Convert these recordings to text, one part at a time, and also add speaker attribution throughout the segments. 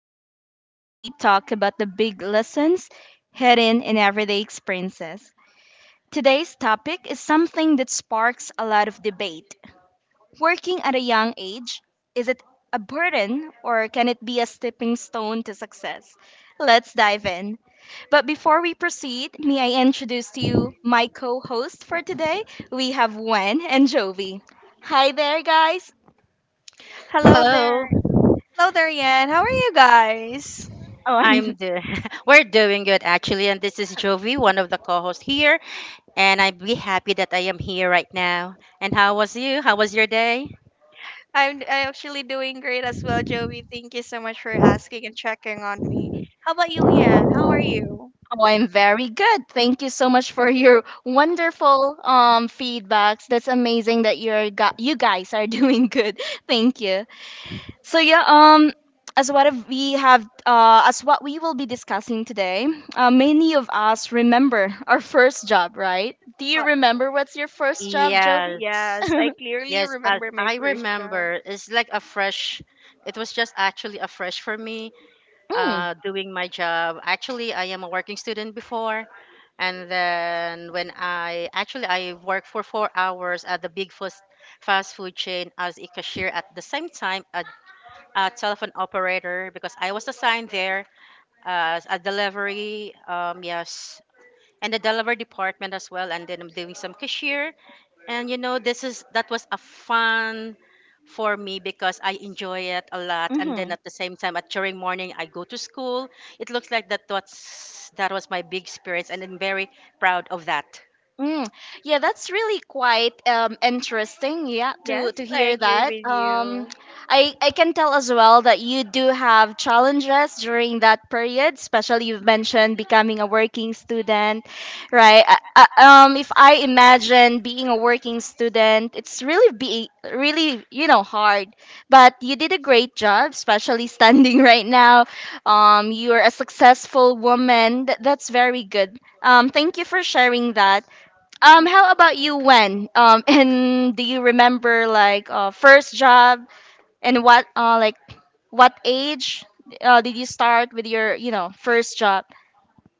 Speaker 1: podcast where we talk about the big lessons hidden in everyday experiences. Today's topic is something that sparks a lot of debate. Working at a young age, is it a burden or can it be a stepping stone to success? Let's dive in. But before we proceed, may I introduce to you my co host for today? We have Wen and Jovi. Hi there, guys.
Speaker 2: Hello
Speaker 3: Hello,
Speaker 2: there. Hello there, Yan. How are you guys?
Speaker 1: Oh,
Speaker 3: I'm
Speaker 1: I'm.
Speaker 3: the. We're doing good actually, and this is Jovi, one of the co-hosts here, and I'm be happy that I am here right now. And how was you? How was your day?
Speaker 2: I'm actually doing great as well, Joey. Thank you so much for asking and checking on me. How about you, Yan? How are you?
Speaker 1: Oh, I'm very good. Thank you so much for your wonderful feedbacks. That's amazing that you guys are doing good. Thank you. So yeah, as what if we have as what we will be discussing today, many of us remember our first job, right? Do you
Speaker 2: Uh,
Speaker 1: remember what's your first job, Jovi?
Speaker 3: Yes,
Speaker 2: yes, I clearly
Speaker 3: yes. As
Speaker 2: remember my
Speaker 3: I
Speaker 2: first job.
Speaker 3: remember, it's like a fresh. It was just actually a fresh for me. Doing my job. Actually, I am a working student before, and then when I worked for 4 hours at the big fast food chain as a cashier, at the same time a A telephone operator because I was assigned there as a delivery, yes, and the delivery department as well. And then I'm doing some cashier. And you know, this is that was a fun for me because I enjoy it a lot. And then
Speaker 1: Mm.
Speaker 3: at the same time, at during morning, I go to school. It looks like that was my big experience, and I'm very proud of that.
Speaker 1: Mm, yeah, that's really quite interesting. Yeah,
Speaker 2: Yes,
Speaker 1: to
Speaker 2: I
Speaker 1: hear
Speaker 2: agree
Speaker 1: that.
Speaker 2: with
Speaker 1: Um,
Speaker 2: you.
Speaker 1: I I can tell as well that you do have challenges during that period, especially you've mentioned becoming a working student, right? If I imagine being a working student, it's really be really you know hard, but you did a great job, especially standing right now. You are a successful woman. That's very good. Thank you for sharing that. How about you, When? And do you remember like first job and what like what age did you start with your first job?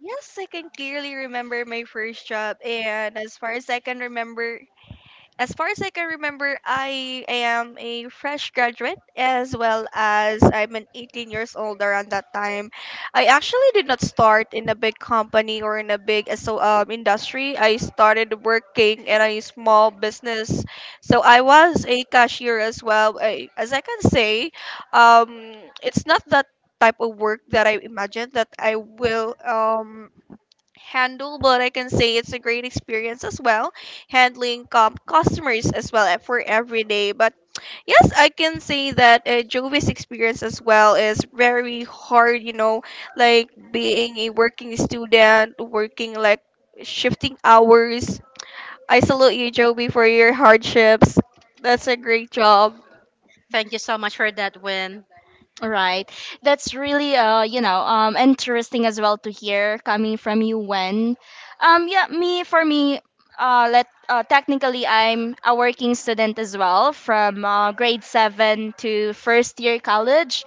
Speaker 2: Yes, I can clearly remember my first job, and as far as I can remember, as far as I can remember, I am a fresh graduate as well as I'm an 18 years old around that time. I actually did not start in a big company or in a big industry. I started working in a small business. So I was a cashier as well. I, as I can say, um, it's not that type of work that I imagined that I will handle, but I can say it's a great experience as well, handling customers as well for every day. But yes, I can say that Jovi's experience as well is very hard, you know, like being a working student, working like shifting hours. I salute you, Jovi, for your hardships. That's a great job.
Speaker 3: Thank you so much for that, Win.
Speaker 1: Right, that's really interesting as well to hear coming from you when, yeah, me for me let technically I'm a working student as well from grade seven to first year college.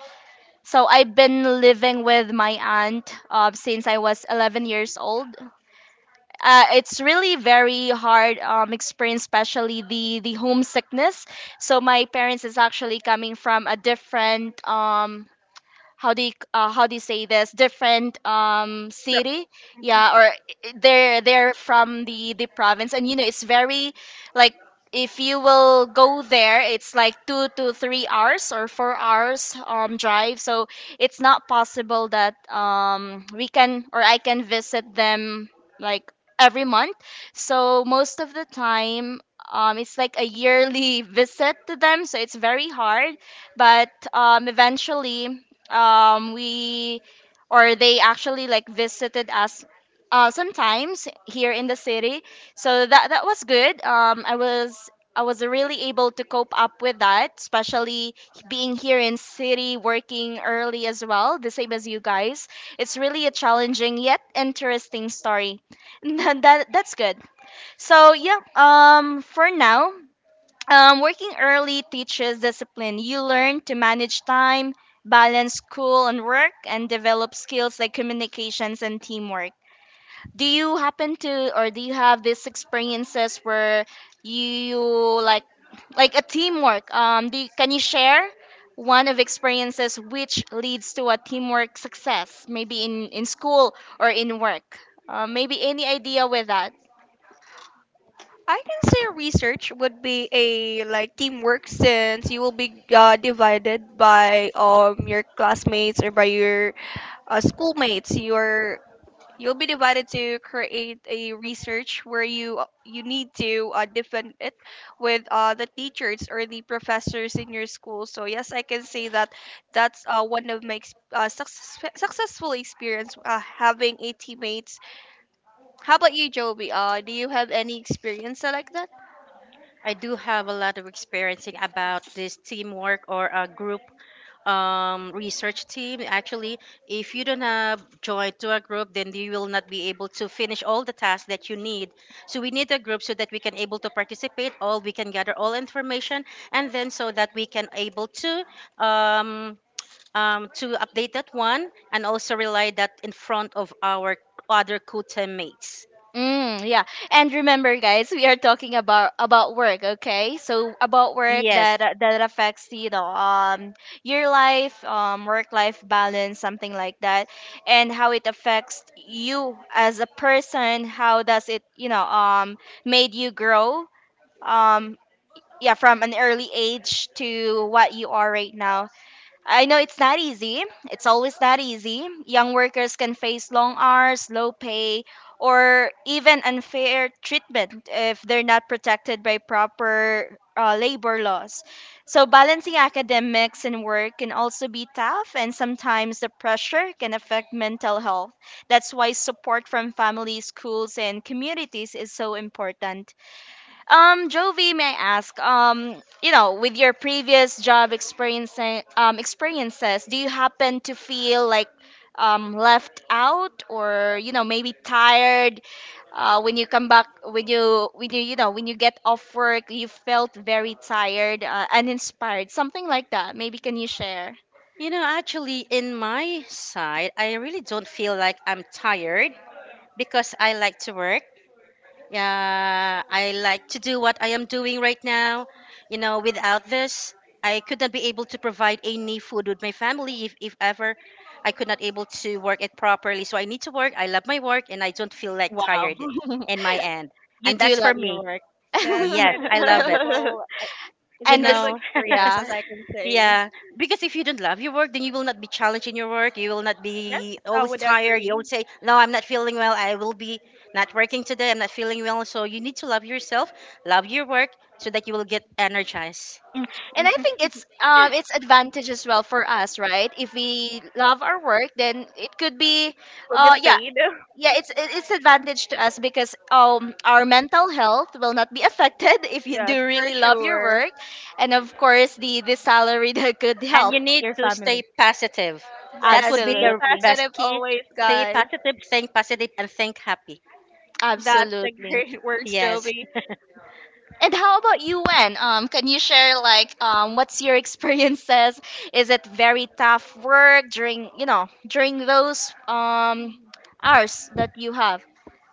Speaker 1: So I've been living with my aunt since I was 11 years old. It's really very hard experience, especially the homesickness. So my parents is actually coming from a different how do you say this different city, yeah, or they're from the province. And it's very like if you will go there it's like 2 to 3 hours or 4 hours drive, so it's not possible that we can or I can visit them like every month. So most of the time, it's like a yearly visit to them, so it's very hard, but eventually, we or they actually like visited us sometimes here in the city. So that was good. I was really able to cope up with that, especially being here in city, working early as well, the same as you guys. It's really a challenging yet interesting story. That's good. So yeah, for now, working early teaches discipline. You learn to manage time, balance school and work, and develop skills like communications and teamwork. Do you happen to, or do you have these experiences where you like, like a teamwork? Can you share one of experiences which leads to a teamwork success, maybe in school or in work? Maybe any idea with that?
Speaker 2: I can say research would be a like teamwork since you will be divided by your classmates or by your schoolmates. Your You'll be divided to create a research where you you need to defend it with the teachers or the professors in your school. So yes, I can say that that's one of my successful experience having a teammates. How about you, Joby? Do you have any experience like that?
Speaker 3: I do have a lot of experiencing about this teamwork or a group research team. Actually, if you don't have joined to a group, then you will not be able to finish all the tasks that you need. So we need a group so that we can able to participate all, we can gather all information, and then so that we can able um, to update that one and also rely that in front of our other co-teammates.
Speaker 1: Mm, yeah. And remember, guys, we are talking about work, okay? So about work
Speaker 3: Yes.
Speaker 1: that affects your life, work life balance, something like that, and how it affects you as a person. How does it, made you grow? Um yeah, from an early age to what you are right now. I know it's not easy. It's always not easy. Young workers can face long hours, low pay, or even unfair treatment if they're not protected by proper labor laws. So, balancing academics and work can also be tough, and sometimes the pressure can affect mental health. That's why support from families, schools, and communities is so important. Jovi, may I ask, with your previous job experience, experiences, do you happen to feel like left out, or maybe tired when you come back, when you get off work, you felt very tired, uninspired, something like that. Maybe can you share?
Speaker 3: You know, actually, in my side, I really don't feel like I'm tired because I like to work. Yeah, I like to do what I am doing right now. You know, without this, I could not be able to provide any food with my family if ever I could not able to work it properly. So I need to work. I love my work and I don't feel like
Speaker 1: Wow.
Speaker 3: tired in my end.
Speaker 1: You
Speaker 3: And
Speaker 1: do
Speaker 3: that's for
Speaker 1: love your
Speaker 3: me.
Speaker 1: work.
Speaker 2: Yes.
Speaker 3: Yes, I love it.
Speaker 2: It's
Speaker 3: You
Speaker 2: And
Speaker 1: And
Speaker 2: incredible
Speaker 1: this,
Speaker 3: know,
Speaker 2: experience,
Speaker 1: yeah.
Speaker 2: as I can say.
Speaker 3: yeah, because if you don't love your work, then you will not be challenged in your work. You will not
Speaker 2: Yes,
Speaker 3: be
Speaker 2: I
Speaker 3: always
Speaker 2: would
Speaker 3: tired. You will
Speaker 2: agree.
Speaker 3: say, "No, I'm not feeling well. I will be not working today. I'm not feeling well." So you need to love yourself, love your work, so that you will get energized.
Speaker 1: And I
Speaker 2: Mhm.
Speaker 1: think it's advantage as well for us, right? If we love our work, then it could be,
Speaker 2: We'll get
Speaker 1: yeah,
Speaker 2: paid.
Speaker 1: yeah, it's advantage to us because our mental health will not be affected if you
Speaker 2: Yes,
Speaker 1: do
Speaker 2: for
Speaker 1: really love your
Speaker 2: sure.
Speaker 1: work, and of course the salary that could
Speaker 3: And
Speaker 1: help
Speaker 3: you need
Speaker 1: your
Speaker 3: to stay
Speaker 1: family.
Speaker 3: positive. That would
Speaker 2: Yes,
Speaker 3: be
Speaker 2: be
Speaker 3: the
Speaker 1: Absolutely,
Speaker 3: best
Speaker 2: positive
Speaker 3: key.
Speaker 2: always,
Speaker 3: Stay
Speaker 2: guys.
Speaker 3: positive, think positive, and think happy.
Speaker 2: That's the
Speaker 1: absolutely.
Speaker 2: great words,
Speaker 3: Yes.
Speaker 2: Jovi.
Speaker 1: And how about you, Wen? Can you share like what's your experiences? Is it very tough work during those hours that you have?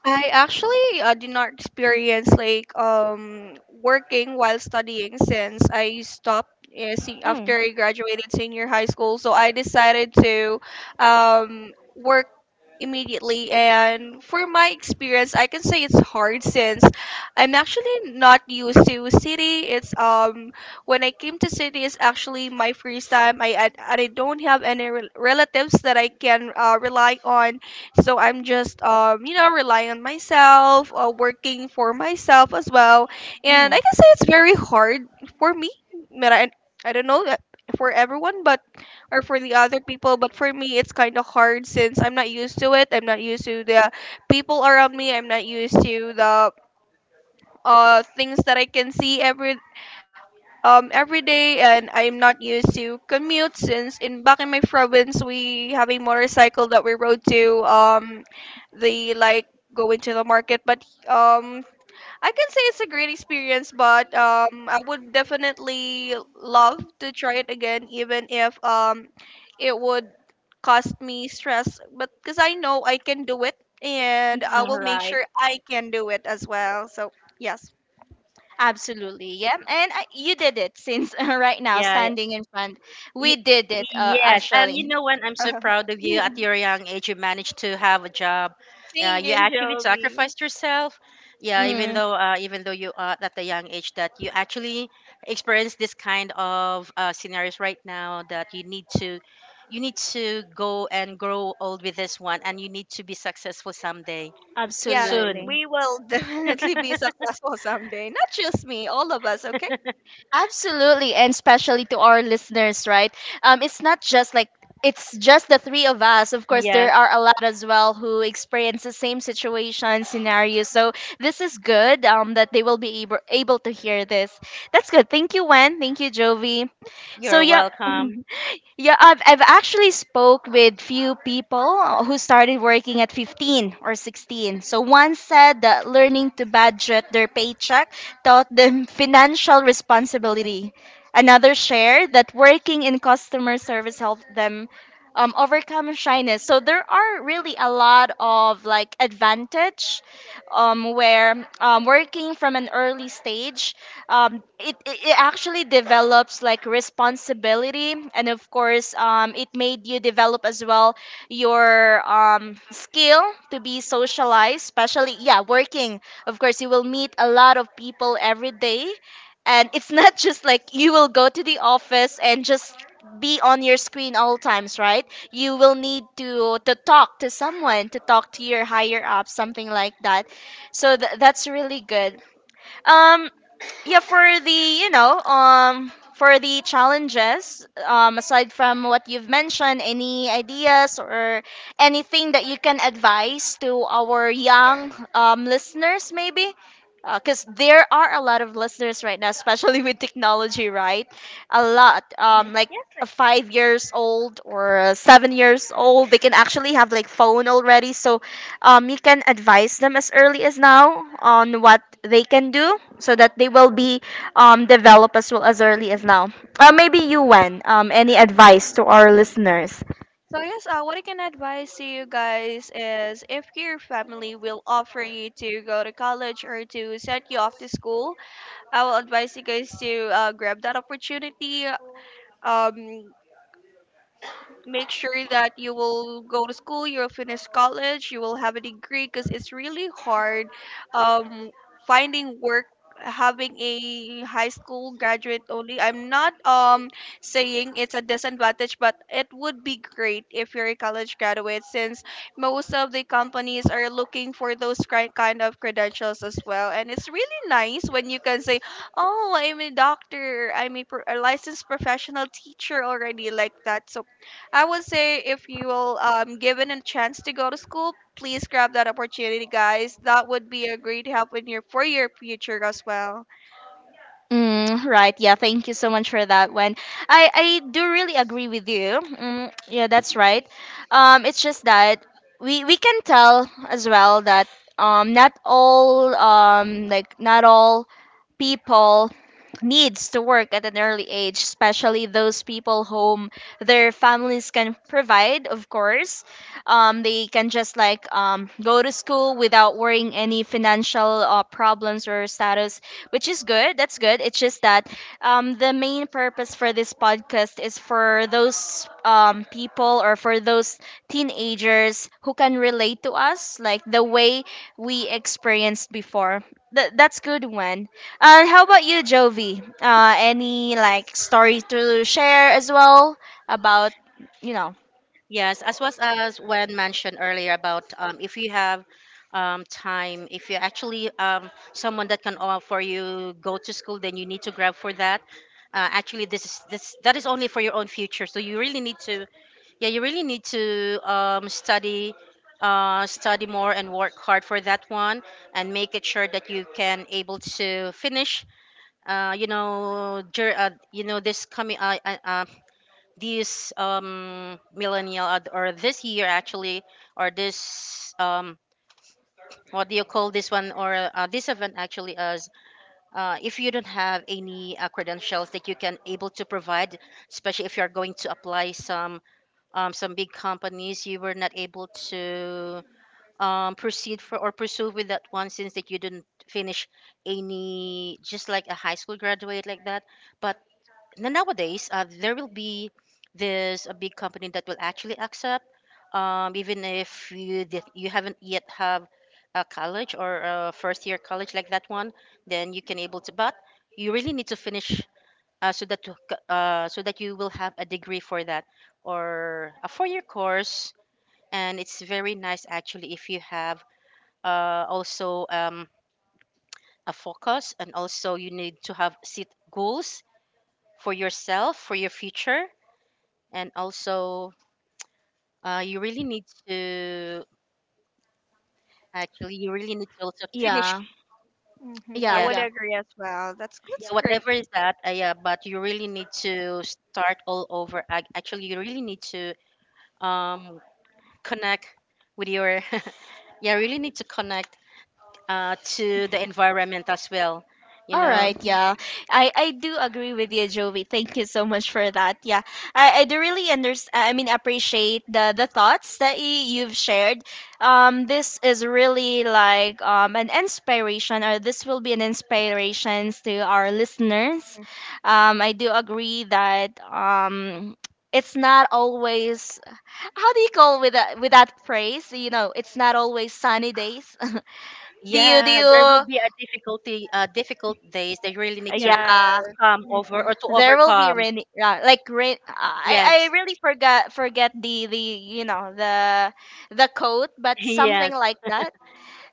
Speaker 2: I actually did not experience like working while studying since I stopped
Speaker 1: Mm,
Speaker 2: after I graduated senior high school. So I decided to work immediately. And for my experience I can say it's hard since I'm actually not used to city. It's when I came to city is actually my first time. I don't have any relatives that I can rely on, so I'm just you know relying on myself, working for myself as well, and I
Speaker 1: mm,
Speaker 2: can say it's very hard for me. But I don't know that for everyone, but or for the other people, but for me it's kind of hard since I'm not used to it. I'm not used to the people around me. I'm not used to the things that I can see every day, and I'm not used to commute since in back in my province we have a motorcycle that we rode to the like go into the market. But um, I can say it's a great experience, but I would definitely love to try it again, even if it would cost me stress. But because I know I can do it, and I
Speaker 1: mm,
Speaker 2: will make
Speaker 1: right.
Speaker 2: sure I can do it as well. So yes,
Speaker 1: Absolutely. Yeah. And you did it since right now
Speaker 3: Yeah,
Speaker 1: standing in front. We
Speaker 3: Y-
Speaker 1: did it
Speaker 3: yes.
Speaker 1: actually.
Speaker 3: You know what? I'm so
Speaker 2: thank
Speaker 3: proud of you. At your young age, you managed to have a job. You
Speaker 2: you,
Speaker 3: actually
Speaker 2: Joby.
Speaker 3: sacrificed yourself. Yeah, even
Speaker 1: Mm,
Speaker 3: though uh, even though you are at the young age that you actually experience this kind of scenarios right now that you need to go and grow old with this one and you need to be successful someday
Speaker 2: Yeah,
Speaker 3: soon.
Speaker 2: we
Speaker 1: absolutely.
Speaker 2: will definitely be successful someday. Not just me, all of us, okay?
Speaker 1: Absolutely, and especially to our listeners, right? It's not just like it's just the three of us. Of course,
Speaker 3: Yes,
Speaker 1: there are a lot as well who experience the same situation scenario. So this is good. That they will be able, to hear this. That's good. Thank you, Wen. Thank you, Jovi. So
Speaker 3: you're
Speaker 1: yeah.
Speaker 3: welcome.
Speaker 1: Yeah, I've actually spoke with few people who started working at 15 or 16. So one said that learning to budget their paycheck taught them financial responsibility. Another shared that working in customer service helped them overcome shyness. So there are really a lot of like advantage, where working from an early stage, it actually develops like responsibility, and of course it made you develop as well your skill to be socialized, especially yeah working. Of course, you will meet a lot of people every day, and it's not just like you will go to the office and just be on your screen all times, right? You will need to talk to someone, to talk to your higher up, something like that. So that's really good. Um yeah for the you know um for the challenges, aside from what you've mentioned, any ideas or anything that you can advise to our young listeners, maybe? Because there are a lot of listeners right now, especially with technology, right? A lot,
Speaker 2: Mhm.
Speaker 1: like a
Speaker 2: Yes.
Speaker 1: 5 years old or a 7 years old, they can actually have like phone already, so you can advise them as early as now on what they can do so that they will be developed as well as early as now. Maybe you, Wen, any advice to our listeners?
Speaker 2: So yes, what I can advise to you guys is if your family will offer you to go to college or to send you off to school, I will advise you guys to grab that opportunity. Um, Make sure that you will go to school, you'll finish college, you will have a degree because it's really hard um, finding work having a high school graduate only. I'm not saying it's a disadvantage, but it would be great if you're a college graduate, since most of the companies are looking for those kind of credentials as well. And it's really nice when you can say, oh, I'm a doctor, I'm a licensed professional teacher already, like that. So I would say if you will given a chance to go to school, please grab that opportunity, guys. That would be a great help in your for your future as well.
Speaker 1: Mm, right. Yeah. Thank you so much for that one. I do really agree with you. Mm, yeah, that's right. It's just that we can tell as well that not all, like not all people needs to work at an early age, especially those people whom their families can provide, of course. They can just like go to school without worrying any financial problems or status, which is good. That's good. It's just that the main purpose for this podcast is for those people or for those teenagers who can relate to us, like the way we experienced before. That's good one. How about you, Jovi? Any like story to share as well about you know?
Speaker 3: Yes, as was as when mentioned earlier about if you have time, if you actually someone that can offer you go to school, then you need to grab for that. Actually, this is this that is only for your own future. So you really need to, yeah, you really need to study, study more and work hard for that one, and make it sure that you can able to finish. You know, you know this coming uh, this millennial or this year actually or this what do you call this one or this event actually as if you don't have any credentials that you can able to provide, especially if you're going to apply some big companies, you were not able to proceed for or pursue with that one since that you didn't finish any just like a high school graduate like that. But now nowadays there will be this a big company that will actually accept even if you did, you haven't yet have a college or a first year college like that one. Then you can able to, but you really need to finish so that so that you will have a degree for that or a 4 year course. And it's very nice actually if you have also a focus and also you need to have set goals for yourself for your future. And also you really need to actually you really need to also finish.
Speaker 1: Yeah,
Speaker 2: Mhm, I
Speaker 1: yeah,
Speaker 3: Yeah,
Speaker 2: would
Speaker 1: yeah.
Speaker 2: agree as well. That's
Speaker 3: yeah,
Speaker 2: great.
Speaker 3: whatever is that yeah, but you really need to start all over. Actually you really need to um connect with your yeah, really need to connect to the environment as well, you
Speaker 1: All
Speaker 3: know.
Speaker 1: right, yeah. I do agree with you, Joey. Thank you so much for that. Yeah. I do really understand I mean appreciate the thoughts that you've shared. This is really like an inspiration, or this will be an inspiration to our listeners. I do agree that it's not always how do you call with that phrase? You know, it's not always sunny days. Do
Speaker 3: Yeah,
Speaker 1: you
Speaker 3: there will be a difficulty, difficult days that you really need to
Speaker 1: Yeah.
Speaker 3: come over or to
Speaker 1: There will be
Speaker 3: overcome.
Speaker 1: rain, like rain. I
Speaker 3: Yes.
Speaker 1: I really forgot forget the you know the code, but
Speaker 3: Yes.
Speaker 1: something like that.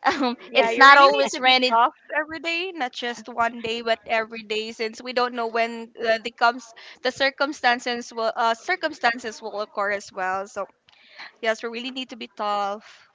Speaker 1: Um,
Speaker 2: Yeah,
Speaker 1: it's
Speaker 2: you
Speaker 1: not
Speaker 2: really need
Speaker 1: always
Speaker 2: to be
Speaker 1: rainy.
Speaker 2: soft every day, not just one day, but every day, since we don't know when the circumstances will occur as well. So yes, we really need to be tough,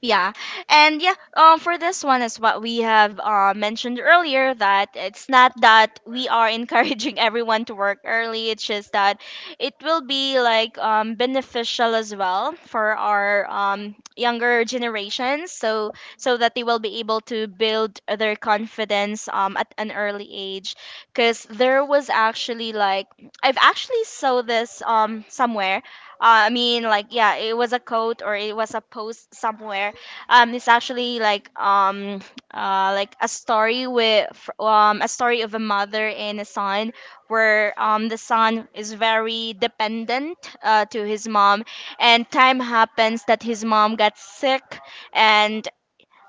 Speaker 1: Yeah. And yeah, for this one is what we have mentioned earlier, that it's not that we are encouraging everyone to work early. It's just that it will be like beneficial as well for our younger generations, so that they will be able to build their confidence at an early age. Because there was actually like I've actually saw this somewhere. I mean, like, yeah, it was a quote or it was a post somewhere. It's actually like a story with a story of a mother and a son, where the son is very dependent to his mom, and time happens that his mom got sick, and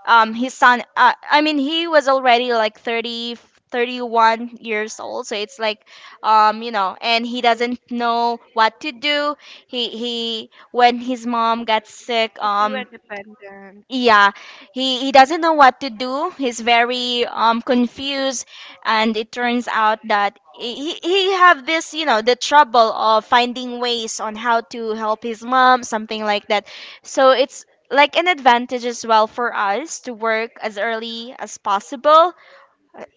Speaker 1: his son he was already like 30, 31 years old. So it's like and he doesn't know what to do. He when his mom got sick,
Speaker 2: too independent.
Speaker 1: yeah. He doesn't know what to do. He's very confused, and it turns out that he have this the trouble of finding ways on how to help his mom, something like that. So it's like an advantage as well for us to work as early as possible.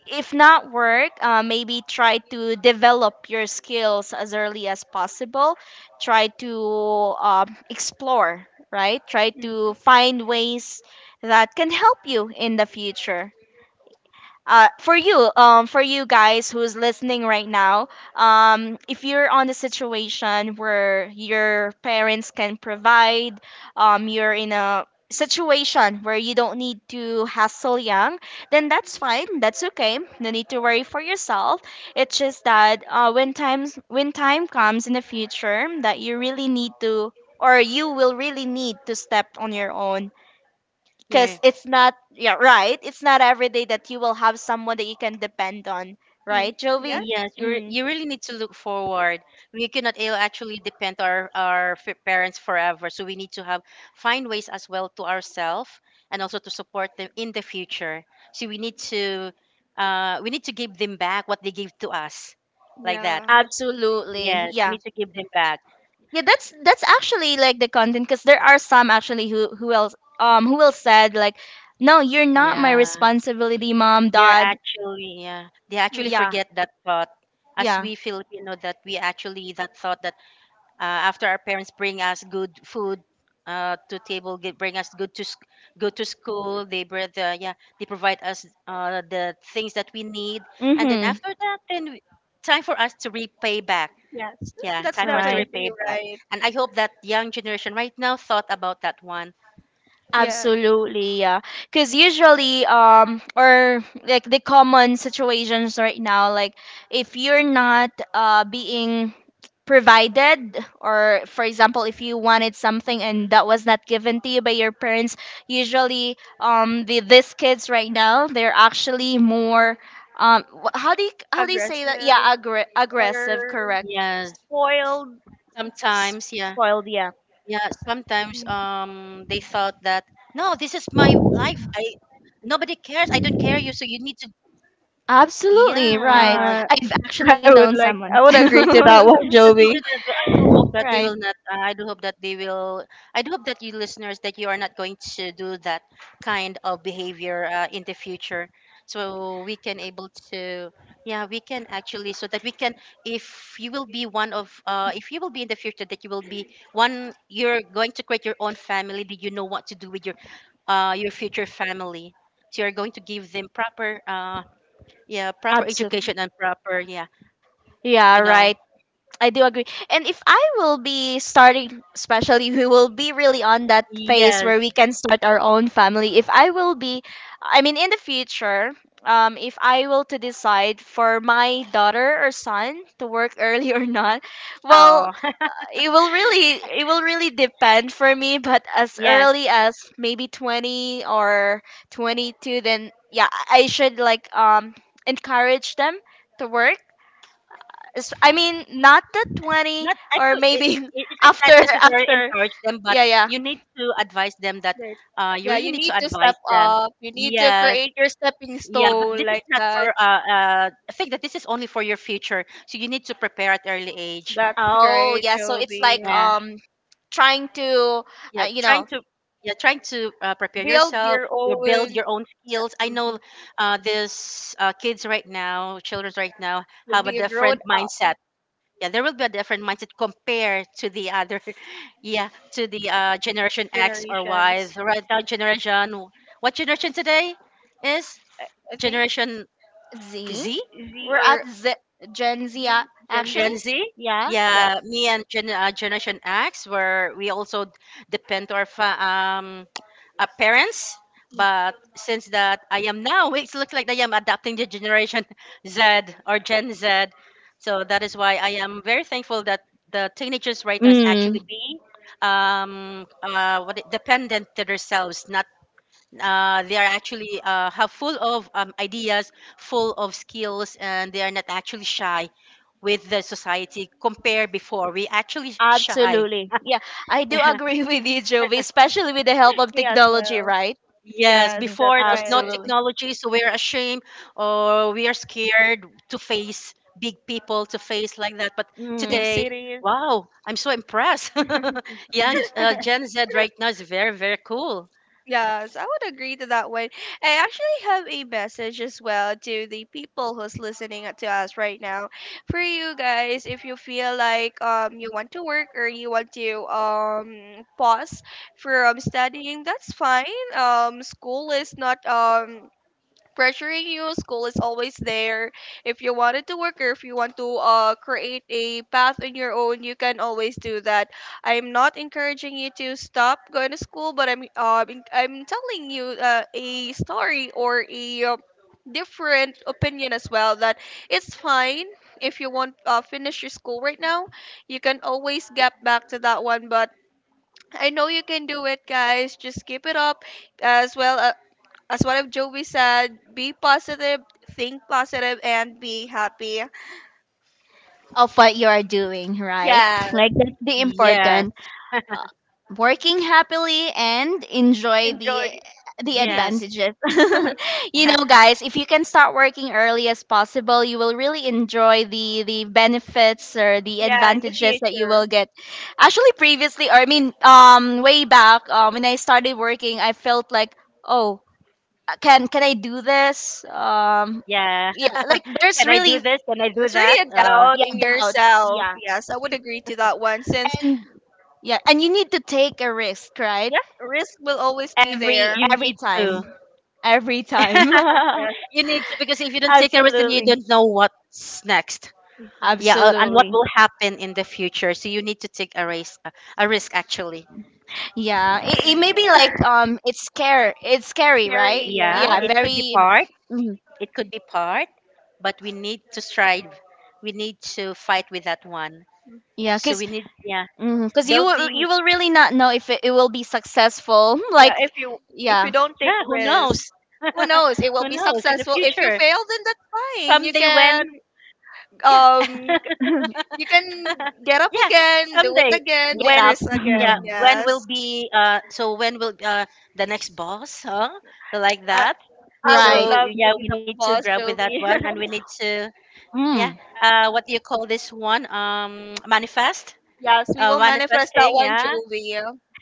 Speaker 1: If not work, maybe try to develop your skills as early as possible. Try to explore, right? Try
Speaker 2: Mm,
Speaker 1: to find ways that can help you in the future. For you, for you guys who's listening right now, if you're on a situation where your parents can provide, you're in a situation where you don't need to hassle young, then that's fine. That's okay. No need to worry for yourself. It's just that when times when time comes in the future that you really need to, or you will really need to step on your own,
Speaker 3: Yeah.
Speaker 1: because it's not, yeah, right, it's not every day that you will have someone that you can depend on,
Speaker 2: mm.
Speaker 1: right, Jovi?
Speaker 2: Yes.
Speaker 3: Yes,
Speaker 1: Mm,
Speaker 3: you really need to look forward. We cannot actually depend our parents forever, so we need to have find ways as well to ourselves and also to support them in the future. So we need to give them back what they gave to us, like that.
Speaker 2: Yeah.
Speaker 1: absolutely,
Speaker 3: Yes, we
Speaker 1: yeah.
Speaker 3: need to give them back.
Speaker 1: Yeah, that's actually like the content, because there are some actually who else who will said like, no, you're not my
Speaker 3: Yeah,
Speaker 1: responsibility, mom,
Speaker 3: they are
Speaker 1: dad.
Speaker 3: actually, yeah, they
Speaker 2: Mm.
Speaker 3: actually
Speaker 1: Yeah,
Speaker 3: forget that thought. As
Speaker 1: yeah.
Speaker 3: we Filipino that we actually that thought, after our parents bring us good food, to table, get, bring us good to go to school. They bring the, yeah, they provide us the things that we need, and then
Speaker 1: Mm-hmm.
Speaker 3: after that, then time for us to repay back.
Speaker 2: Yes.
Speaker 3: Yeah,
Speaker 2: That's
Speaker 3: time for us to
Speaker 1: Right.
Speaker 2: definitely
Speaker 3: repay back.
Speaker 2: right.
Speaker 3: And I hope that young generation right now thought about that one.
Speaker 2: Yeah.
Speaker 1: Absolutely, yeah. Because usually, or like the common situations right now, like if you're not being provided, or for example, if you wanted something and that was not given to you by your parents, usually, these kids right now, they're actually more, how do you say that? Yeah,
Speaker 2: Aggressive
Speaker 1: aggressive,
Speaker 2: or
Speaker 1: correct?
Speaker 3: Yes,
Speaker 2: spoiled.
Speaker 3: sometimes, yeah,
Speaker 1: Spoiled, yeah.
Speaker 3: yeah, sometimes
Speaker 2: Mm.
Speaker 3: they thought that no, this is my life. I nobody cares. I don't care you, so you need to,
Speaker 1: Absolutely right.
Speaker 3: yeah.
Speaker 2: Yeah.
Speaker 1: I've actually
Speaker 2: I
Speaker 1: known
Speaker 2: would like
Speaker 1: someone.
Speaker 2: I would agree to that one,
Speaker 3: So they do
Speaker 2: Jovi.
Speaker 3: that. I do hope that they
Speaker 1: Right.
Speaker 3: will not. I do hope that they will. I do hope that you listeners that you are not going to do that kind of behavior in the future. So we can able to. Yeah, we can actually so that we can. If you will be one of, if you will be in the future that you will be one, you're going to create your own family. That you know what to do with your future family. So you're going to give them proper, yeah, proper
Speaker 1: Absolutely.
Speaker 3: education and proper, yeah,
Speaker 1: Yeah,
Speaker 3: you know.
Speaker 1: right. I do agree. And if I will be starting, especially, we will be really on that phase
Speaker 3: Yes.
Speaker 1: where we can start our own family. If I will be, I mean, in the future, if I will to decide for my daughter or son to work early or not, well,
Speaker 3: Oh.
Speaker 1: it will really depend for me. But as
Speaker 3: Yes,
Speaker 1: early as maybe 20 or 22, then yeah, I should like encourage them to work. I mean, not the 20,
Speaker 3: not
Speaker 1: or
Speaker 3: actually.
Speaker 1: maybe
Speaker 3: It's like not
Speaker 1: after
Speaker 3: necessarily
Speaker 1: after.
Speaker 3: encourage them, but
Speaker 1: Yeah, yeah.
Speaker 3: you need to advise them that
Speaker 2: Right.
Speaker 3: you
Speaker 2: Yeah,
Speaker 3: really
Speaker 2: you
Speaker 3: need
Speaker 2: need
Speaker 3: to
Speaker 2: to
Speaker 3: advise
Speaker 2: step
Speaker 3: them.
Speaker 2: up. You need to
Speaker 3: Yes,
Speaker 2: create your stepping
Speaker 3: yeah, but
Speaker 2: stone
Speaker 3: this is
Speaker 2: like
Speaker 3: not for.
Speaker 2: that.
Speaker 3: I think that this is only for your future, so you need to prepare at early age.
Speaker 2: That's
Speaker 1: Oh,
Speaker 2: right,
Speaker 1: yeah. So it's
Speaker 2: Joby.
Speaker 1: like
Speaker 3: Yeah,
Speaker 1: trying to, uh,
Speaker 3: yeah,
Speaker 1: you
Speaker 3: trying
Speaker 1: know,
Speaker 3: to. Yeah, trying to prepare
Speaker 2: Build
Speaker 3: yourself.
Speaker 2: your
Speaker 3: You build
Speaker 2: own.
Speaker 3: your own skills. I
Speaker 2: Hmm,
Speaker 3: know this kids right now, children right now,
Speaker 2: you'll
Speaker 3: have a
Speaker 2: be a grown
Speaker 3: different
Speaker 2: up.
Speaker 3: mindset. Yeah, there will be a different mindset compared to the other yeah, to the generation X or Y,
Speaker 2: Generations.
Speaker 3: the right now generation. What generation today is?
Speaker 2: I I think
Speaker 3: Generation
Speaker 1: Z.
Speaker 3: Z.
Speaker 2: Z
Speaker 1: We're
Speaker 2: or
Speaker 1: at Z. Gen Z
Speaker 2: G, Gen
Speaker 1: actually.
Speaker 3: Gen
Speaker 2: Z.
Speaker 3: Z.
Speaker 1: Yeah.
Speaker 2: Yeah,
Speaker 3: Yeah, me and Generation X, where we also depend to our parents. But since that I am now, it looks like I am adapting the Generation Z or Gen Z. So that is why I am very thankful that the teenagers right now is actually
Speaker 1: Mm,
Speaker 3: being dependent to themselves, not they are actually have full of ideas, full of skills, and they are not actually shy with the society. Compare before we actually shy.
Speaker 1: absolutely. Yeah, I do agree with you, Jovi, especially with the help of
Speaker 2: me as
Speaker 1: technology,
Speaker 2: well.
Speaker 1: right?
Speaker 3: Yes,
Speaker 2: Yes,
Speaker 1: Mhm.
Speaker 2: that's
Speaker 3: before it was no
Speaker 2: right.
Speaker 1: Absolutely.
Speaker 3: technology, so we're ashamed or we are scared to face big people, to face like that. But
Speaker 2: Big
Speaker 1: Mm.
Speaker 3: today,
Speaker 2: cities.
Speaker 3: wow, I'm so impressed. Young Gen Z right now is very, very cool.
Speaker 2: Yes, I would agree to that one. I actually have a message as well to the people who's listening to us right now. For you guys, if you feel like you want to work or you want to pause from studying, that's fine. School is not pressuring you. School is always there. If you wanted to work or if you want to create a path on your own, you can always do that. I'm not encouraging you to stop going to school, but I'm telling you a story or a different opinion as well that it's fine if you won't finish your school right now. You can always get back to that one, but I know you can do it, guys. Just keep it up as well. As what of Joey said, be positive, think positive, and be happy.
Speaker 1: Of what you are doing, right?
Speaker 2: Yeah,
Speaker 1: Like that's the important,
Speaker 3: Yes,
Speaker 1: uh, working happily and enjoy
Speaker 2: enjoy.
Speaker 1: the
Speaker 2: the-
Speaker 3: yes,
Speaker 1: advantages. You know, guys, if you can start working early as possible, you will really enjoy the benefits or the
Speaker 2: Yeah, in the
Speaker 1: advantages that you
Speaker 2: future.
Speaker 1: will get. Actually, previously, or I mean, way back, when I started working, I felt like, oh, can I do this?
Speaker 3: yeah.
Speaker 1: Yeah, like there's
Speaker 3: Can I do
Speaker 1: really
Speaker 3: this? Can I do
Speaker 2: There's
Speaker 3: that?
Speaker 2: really a
Speaker 1: yeah,
Speaker 2: doubt in
Speaker 1: yeah, doubt.
Speaker 2: yourself.
Speaker 1: Yeah,
Speaker 2: Yes, I would agree to that one since
Speaker 1: yeah, and you need to take a risk, right?
Speaker 2: yeah, risk will always be
Speaker 1: Every
Speaker 2: there.
Speaker 3: You
Speaker 1: every
Speaker 3: need to.
Speaker 1: time, every time.
Speaker 2: Yeah,
Speaker 3: You need to, because if you don't take a risk, then you
Speaker 1: Absolutely.
Speaker 3: don't know what's next. Yeah, and what
Speaker 1: Absolutely.
Speaker 3: will happen in the future. So you need to take a risk. A risk actually.
Speaker 1: Yeah. It may be like it's scare it's scary,
Speaker 2: scary.
Speaker 1: right?
Speaker 3: Yeah,
Speaker 1: Yeah,
Speaker 2: Yeah,
Speaker 3: it could be
Speaker 1: very.
Speaker 3: part.
Speaker 1: Mhm.
Speaker 3: It could be part, but we need to strive. We need to fight with that one.
Speaker 1: Yeah,
Speaker 3: So
Speaker 1: cuz
Speaker 3: we need, yeah,
Speaker 1: you
Speaker 3: building.
Speaker 1: will really not know if it will be successful.
Speaker 2: yeah.
Speaker 1: Like
Speaker 2: If you
Speaker 1: yeah.
Speaker 2: don't take
Speaker 3: Yeah, who
Speaker 2: risks,
Speaker 3: knows?
Speaker 2: who knows? It will
Speaker 3: Who
Speaker 2: be
Speaker 3: knows in the
Speaker 2: successful. If you
Speaker 3: future?
Speaker 2: fail, then that's fine.
Speaker 3: Someday when? Yeah,
Speaker 2: Um you
Speaker 1: Get
Speaker 2: You can get up
Speaker 3: yeah,
Speaker 2: again, do it
Speaker 3: someday
Speaker 2: again, take
Speaker 3: when.
Speaker 1: up.
Speaker 2: risks
Speaker 3: Yeah,
Speaker 2: again.
Speaker 3: when
Speaker 2: Yes.
Speaker 3: will be so when will the next boss, huh? So like
Speaker 2: I,
Speaker 3: that.
Speaker 2: I would
Speaker 1: Right.
Speaker 3: So
Speaker 2: love to
Speaker 3: yeah,
Speaker 2: be
Speaker 3: we
Speaker 2: the
Speaker 3: need to
Speaker 2: boss,
Speaker 3: grab with that
Speaker 2: Joey.
Speaker 3: one and we need to, yeah,
Speaker 1: Mm.
Speaker 3: what do you call this one, manifest.
Speaker 2: Yes, we will manifest that
Speaker 3: Manifesting,
Speaker 2: one,
Speaker 3: yeah.
Speaker 2: Joey. I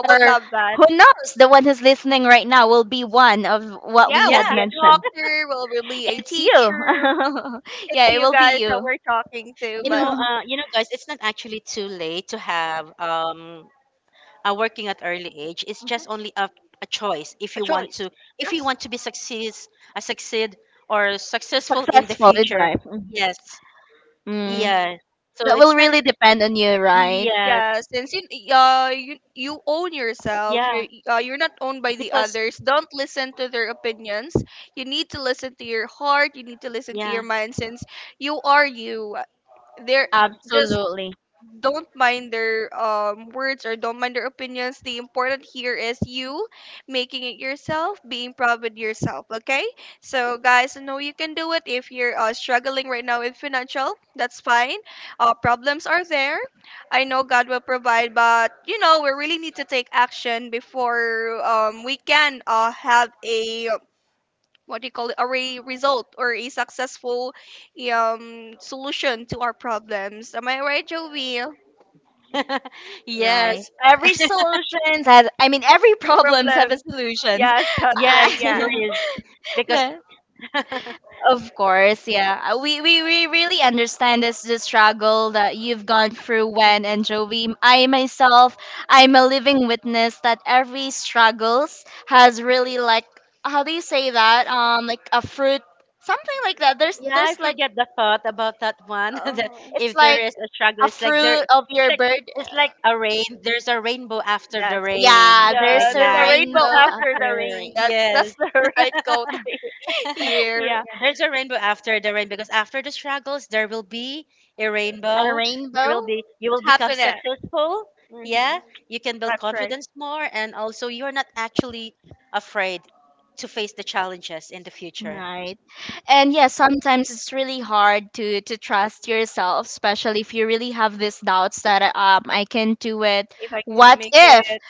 Speaker 2: would
Speaker 1: Or
Speaker 2: love that.
Speaker 1: who knows, the one who's listening right now will be one of what
Speaker 2: Yeah,
Speaker 1: we
Speaker 2: we'll
Speaker 1: had
Speaker 2: be
Speaker 3: Yeah,
Speaker 2: a
Speaker 1: mentioned.
Speaker 2: doctor, we'll be a
Speaker 1: It's you.
Speaker 2: teacher. It's
Speaker 1: Yeah, it
Speaker 2: you
Speaker 1: will
Speaker 2: guys
Speaker 1: be
Speaker 2: that
Speaker 1: you.
Speaker 2: we're talking to,
Speaker 3: you
Speaker 2: but
Speaker 3: know, you know guys, it's not actually too late to have working at early age. It's just only a choice if
Speaker 2: a
Speaker 3: you want
Speaker 2: choice.
Speaker 3: to, if you
Speaker 2: Yes.
Speaker 3: want to be success, succeed or successful in the
Speaker 1: Successful in
Speaker 3: future.
Speaker 1: life.
Speaker 3: Yes.
Speaker 1: Mm.
Speaker 2: Mm.
Speaker 3: Yeah. So
Speaker 1: That will
Speaker 3: it's not.
Speaker 1: really depend on you, right?
Speaker 3: Yes.
Speaker 2: Yeah, since you you own yourself,
Speaker 3: Yeah,
Speaker 2: you're not owned by the
Speaker 3: because,
Speaker 2: others. Don't listen to their opinions. You need to listen to your heart. You need to listen to your
Speaker 3: yeah,
Speaker 2: mind, since you are you. They're just
Speaker 1: Absolutely.
Speaker 2: don't mind their words, or don't mind their opinions. The important here is you making it yourself, being proud with yourself. Okay, so guys, I know you can do it. If you're struggling right now with financial, that's fine. Problems are there. I know God will provide, but you know we really need to take action before we can have a what do you call it, a result or a successful solution to our problems. Am I right, Joey?
Speaker 1: Right.
Speaker 3: yes.
Speaker 1: Every solutions has, I mean, every problems have a
Speaker 2: Problems.
Speaker 1: solutions.
Speaker 2: Yes, that's right.
Speaker 3: Yes,
Speaker 2: Yeah.
Speaker 3: there is. Because yeah,
Speaker 1: Of course, yeah. We really understand this the struggle that you've gone through when and Jovi. I myself, I'm a living witness that every struggles has really like, how do you say that? Like a fruit, something like that. There's
Speaker 3: I
Speaker 1: like
Speaker 3: forget the thought about that one. That
Speaker 2: Oh,
Speaker 1: it's
Speaker 3: if there
Speaker 1: like
Speaker 3: is a struggle,
Speaker 1: a
Speaker 3: it's like, there,
Speaker 1: fruit of
Speaker 3: it's
Speaker 1: your
Speaker 3: like,
Speaker 1: bird.
Speaker 3: it's like a rain, there's a rainbow after the
Speaker 2: yes.
Speaker 3: rain.
Speaker 1: Yeah,
Speaker 2: Yeah,
Speaker 3: Like
Speaker 1: there's
Speaker 2: there's
Speaker 1: a
Speaker 2: a
Speaker 3: that.
Speaker 1: rainbow
Speaker 2: rainbow
Speaker 1: after
Speaker 2: after the
Speaker 1: the
Speaker 2: rain.
Speaker 1: rain.
Speaker 3: Yes.
Speaker 2: That's the right quote here.
Speaker 1: Yeah.
Speaker 3: Yeah, there's a rainbow after the rain, because after the struggles, there will be a
Speaker 1: A
Speaker 3: rainbow. There
Speaker 1: rainbow.
Speaker 3: will be, you will become
Speaker 2: Happiness.
Speaker 3: successful.
Speaker 2: Hmm.
Speaker 3: Yeah, you can build
Speaker 2: That's right.
Speaker 3: confidence more, and also you're not actually afraid to face the challenges in the future.
Speaker 1: Right. And yeah, sometimes it's really hard to trust yourself, especially if you really have these doubts that I can do it.
Speaker 2: If I can
Speaker 1: What
Speaker 2: make
Speaker 1: if?
Speaker 2: it.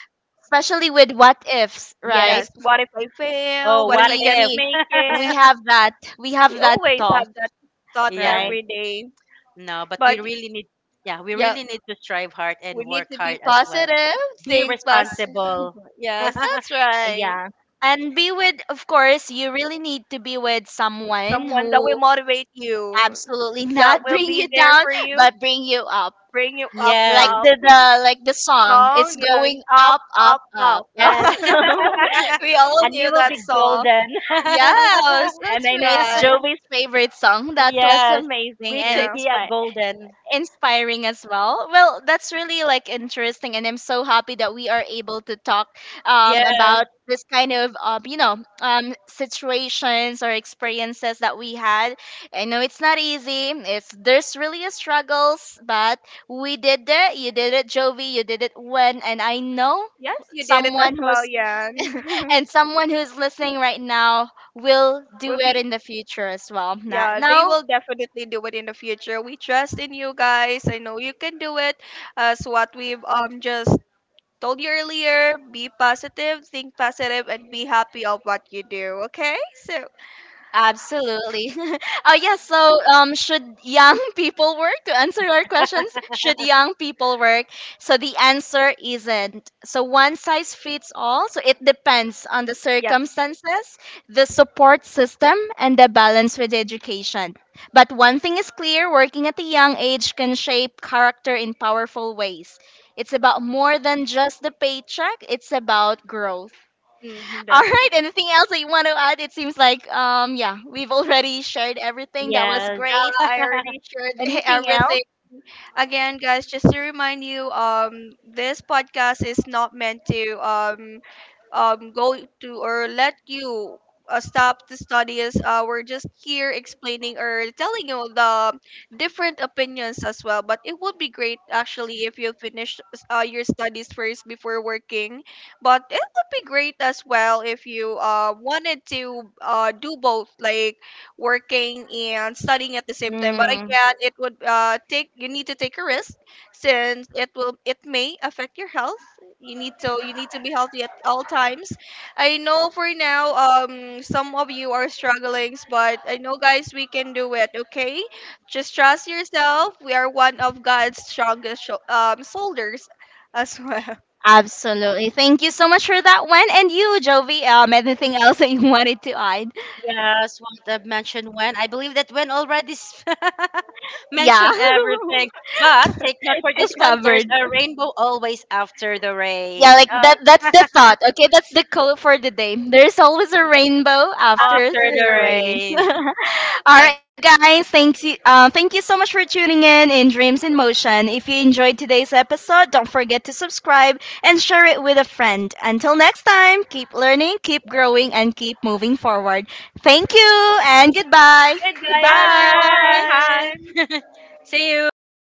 Speaker 1: Especially with what ifs, right?
Speaker 2: Yes.
Speaker 3: Yes.
Speaker 2: What if I fail?
Speaker 3: Oh,
Speaker 2: What
Speaker 1: We
Speaker 2: if
Speaker 3: what
Speaker 2: I can't
Speaker 3: if?
Speaker 1: we
Speaker 2: make
Speaker 1: we
Speaker 2: it?
Speaker 1: have that, we
Speaker 2: We
Speaker 1: have that
Speaker 2: always
Speaker 1: thought,
Speaker 2: have that thought
Speaker 3: Yes.
Speaker 1: right?
Speaker 2: every day.
Speaker 3: No, but we
Speaker 2: But
Speaker 3: really need, yeah, we
Speaker 2: yeah,
Speaker 3: really need to strive hard
Speaker 2: we
Speaker 3: and
Speaker 2: need
Speaker 3: work
Speaker 2: to be
Speaker 3: hard as well.
Speaker 2: positive.
Speaker 3: Be
Speaker 2: Think positive.
Speaker 3: responsible.
Speaker 2: Yes, that's right.
Speaker 1: Yeah. And be with, of course, you really need to be with someone
Speaker 2: Someone that
Speaker 1: who,
Speaker 2: will motivate you,
Speaker 1: absolutely
Speaker 2: that
Speaker 1: not
Speaker 2: will
Speaker 1: bring
Speaker 2: be
Speaker 1: you
Speaker 2: there
Speaker 1: down,
Speaker 2: for you,
Speaker 1: but bring you up,
Speaker 2: bring you up,
Speaker 1: like
Speaker 3: Yes.
Speaker 2: up.
Speaker 1: the like the song, it's
Speaker 2: Song, yeah,
Speaker 1: going
Speaker 2: up,
Speaker 1: up up
Speaker 2: up,
Speaker 1: up,
Speaker 2: up.
Speaker 1: no?
Speaker 3: And
Speaker 1: And
Speaker 2: We all
Speaker 3: and
Speaker 2: knew
Speaker 3: you will
Speaker 2: that
Speaker 3: be
Speaker 2: song.
Speaker 3: golden.
Speaker 2: Yes, that's
Speaker 1: I know it's
Speaker 2: right.
Speaker 1: Jovi's favorite song. That was
Speaker 3: Yes,
Speaker 1: amazing,
Speaker 3: we
Speaker 1: and
Speaker 3: could
Speaker 2: Yeah.
Speaker 3: be
Speaker 1: it's
Speaker 3: a golden.
Speaker 1: inspiring as well. Well, that's really like interesting, and I'm so happy that we are able to talk about
Speaker 3: Yes,
Speaker 1: this kind of situations or experiences that we had. I know it's not easy. It's there's really a struggles, but we did it. You did it, Jovi. You did it when, and I know
Speaker 2: Yes, you did it as
Speaker 1: someone
Speaker 2: well,
Speaker 1: who's,
Speaker 2: Yan.
Speaker 1: and someone who's listening right now will
Speaker 2: Will
Speaker 1: do it
Speaker 2: be
Speaker 1: in the future as well. Not
Speaker 2: yeah, they
Speaker 1: now.
Speaker 2: will definitely do it in the future. We trust in you guys. I know you can do it, as what we've just told you earlier: be positive, think positive, and be happy of what you do. Okay? So,
Speaker 1: Absolutely. Oh yes. So, should young people work? To answer our questions, should young people work? So the answer isn't, so one size fits all. So it depends on the circumstances, the support system, and the balance with education. But one thing is clear: working at a young age can shape character in powerful ways. It's about more than just the paycheck. It's about growth.
Speaker 2: mhm,
Speaker 1: All right. Anything else that you want to add? It seems like yeah, we've already shared everything. That was
Speaker 3: yes,
Speaker 1: great.
Speaker 2: yeah, I already shared
Speaker 1: Anything else?
Speaker 2: everything. Again, guys, just to remind you, this podcast is not meant to go to or let you stop the studies. We're just here explaining or telling you the different opinions as well. But it would be great actually if you finish your studies first before working. But it would be great as well if you wanted to do both, like working and studying at the same time. But
Speaker 1: Mm,
Speaker 2: again, it would take you need to take a risk, since it may affect your health. You need to be healthy at all times. I know for now some of you are struggling, but I know guys we can do it. Okay, just trust yourself. We are one of God's strongest soldiers as well.
Speaker 1: absolutely. Thank you so much for that one. And you, Jovi, anything else that you wanted to add?
Speaker 3: yes. What I've mentioned when I believe that when already
Speaker 1: Yeah,
Speaker 3: mentioned everything. But take note
Speaker 1: it
Speaker 3: for
Speaker 1: was
Speaker 3: this one. There's
Speaker 1: covered.
Speaker 3: a rainbow always after the
Speaker 1: Yeah, like
Speaker 3: rain.
Speaker 1: that, that's the thought. Okay, that's the call for the day. There's always a rainbow after
Speaker 3: After
Speaker 2: After
Speaker 3: the
Speaker 1: the
Speaker 2: the rain.
Speaker 1: rain.
Speaker 3: rain.
Speaker 1: All
Speaker 3: Uh,
Speaker 1: right, you guys, thank you, thank you so much for tuning in Dreams in Motion. If you enjoyed today's episode, don't forget to subscribe and share it with a friend. Until next time, keep learning, keep growing, and keep moving forward. Thank you and goodbye.
Speaker 2: Goodbye,
Speaker 3: Goodbye.
Speaker 1: Bye.
Speaker 3: Hi.
Speaker 2: everyone.
Speaker 3: See you.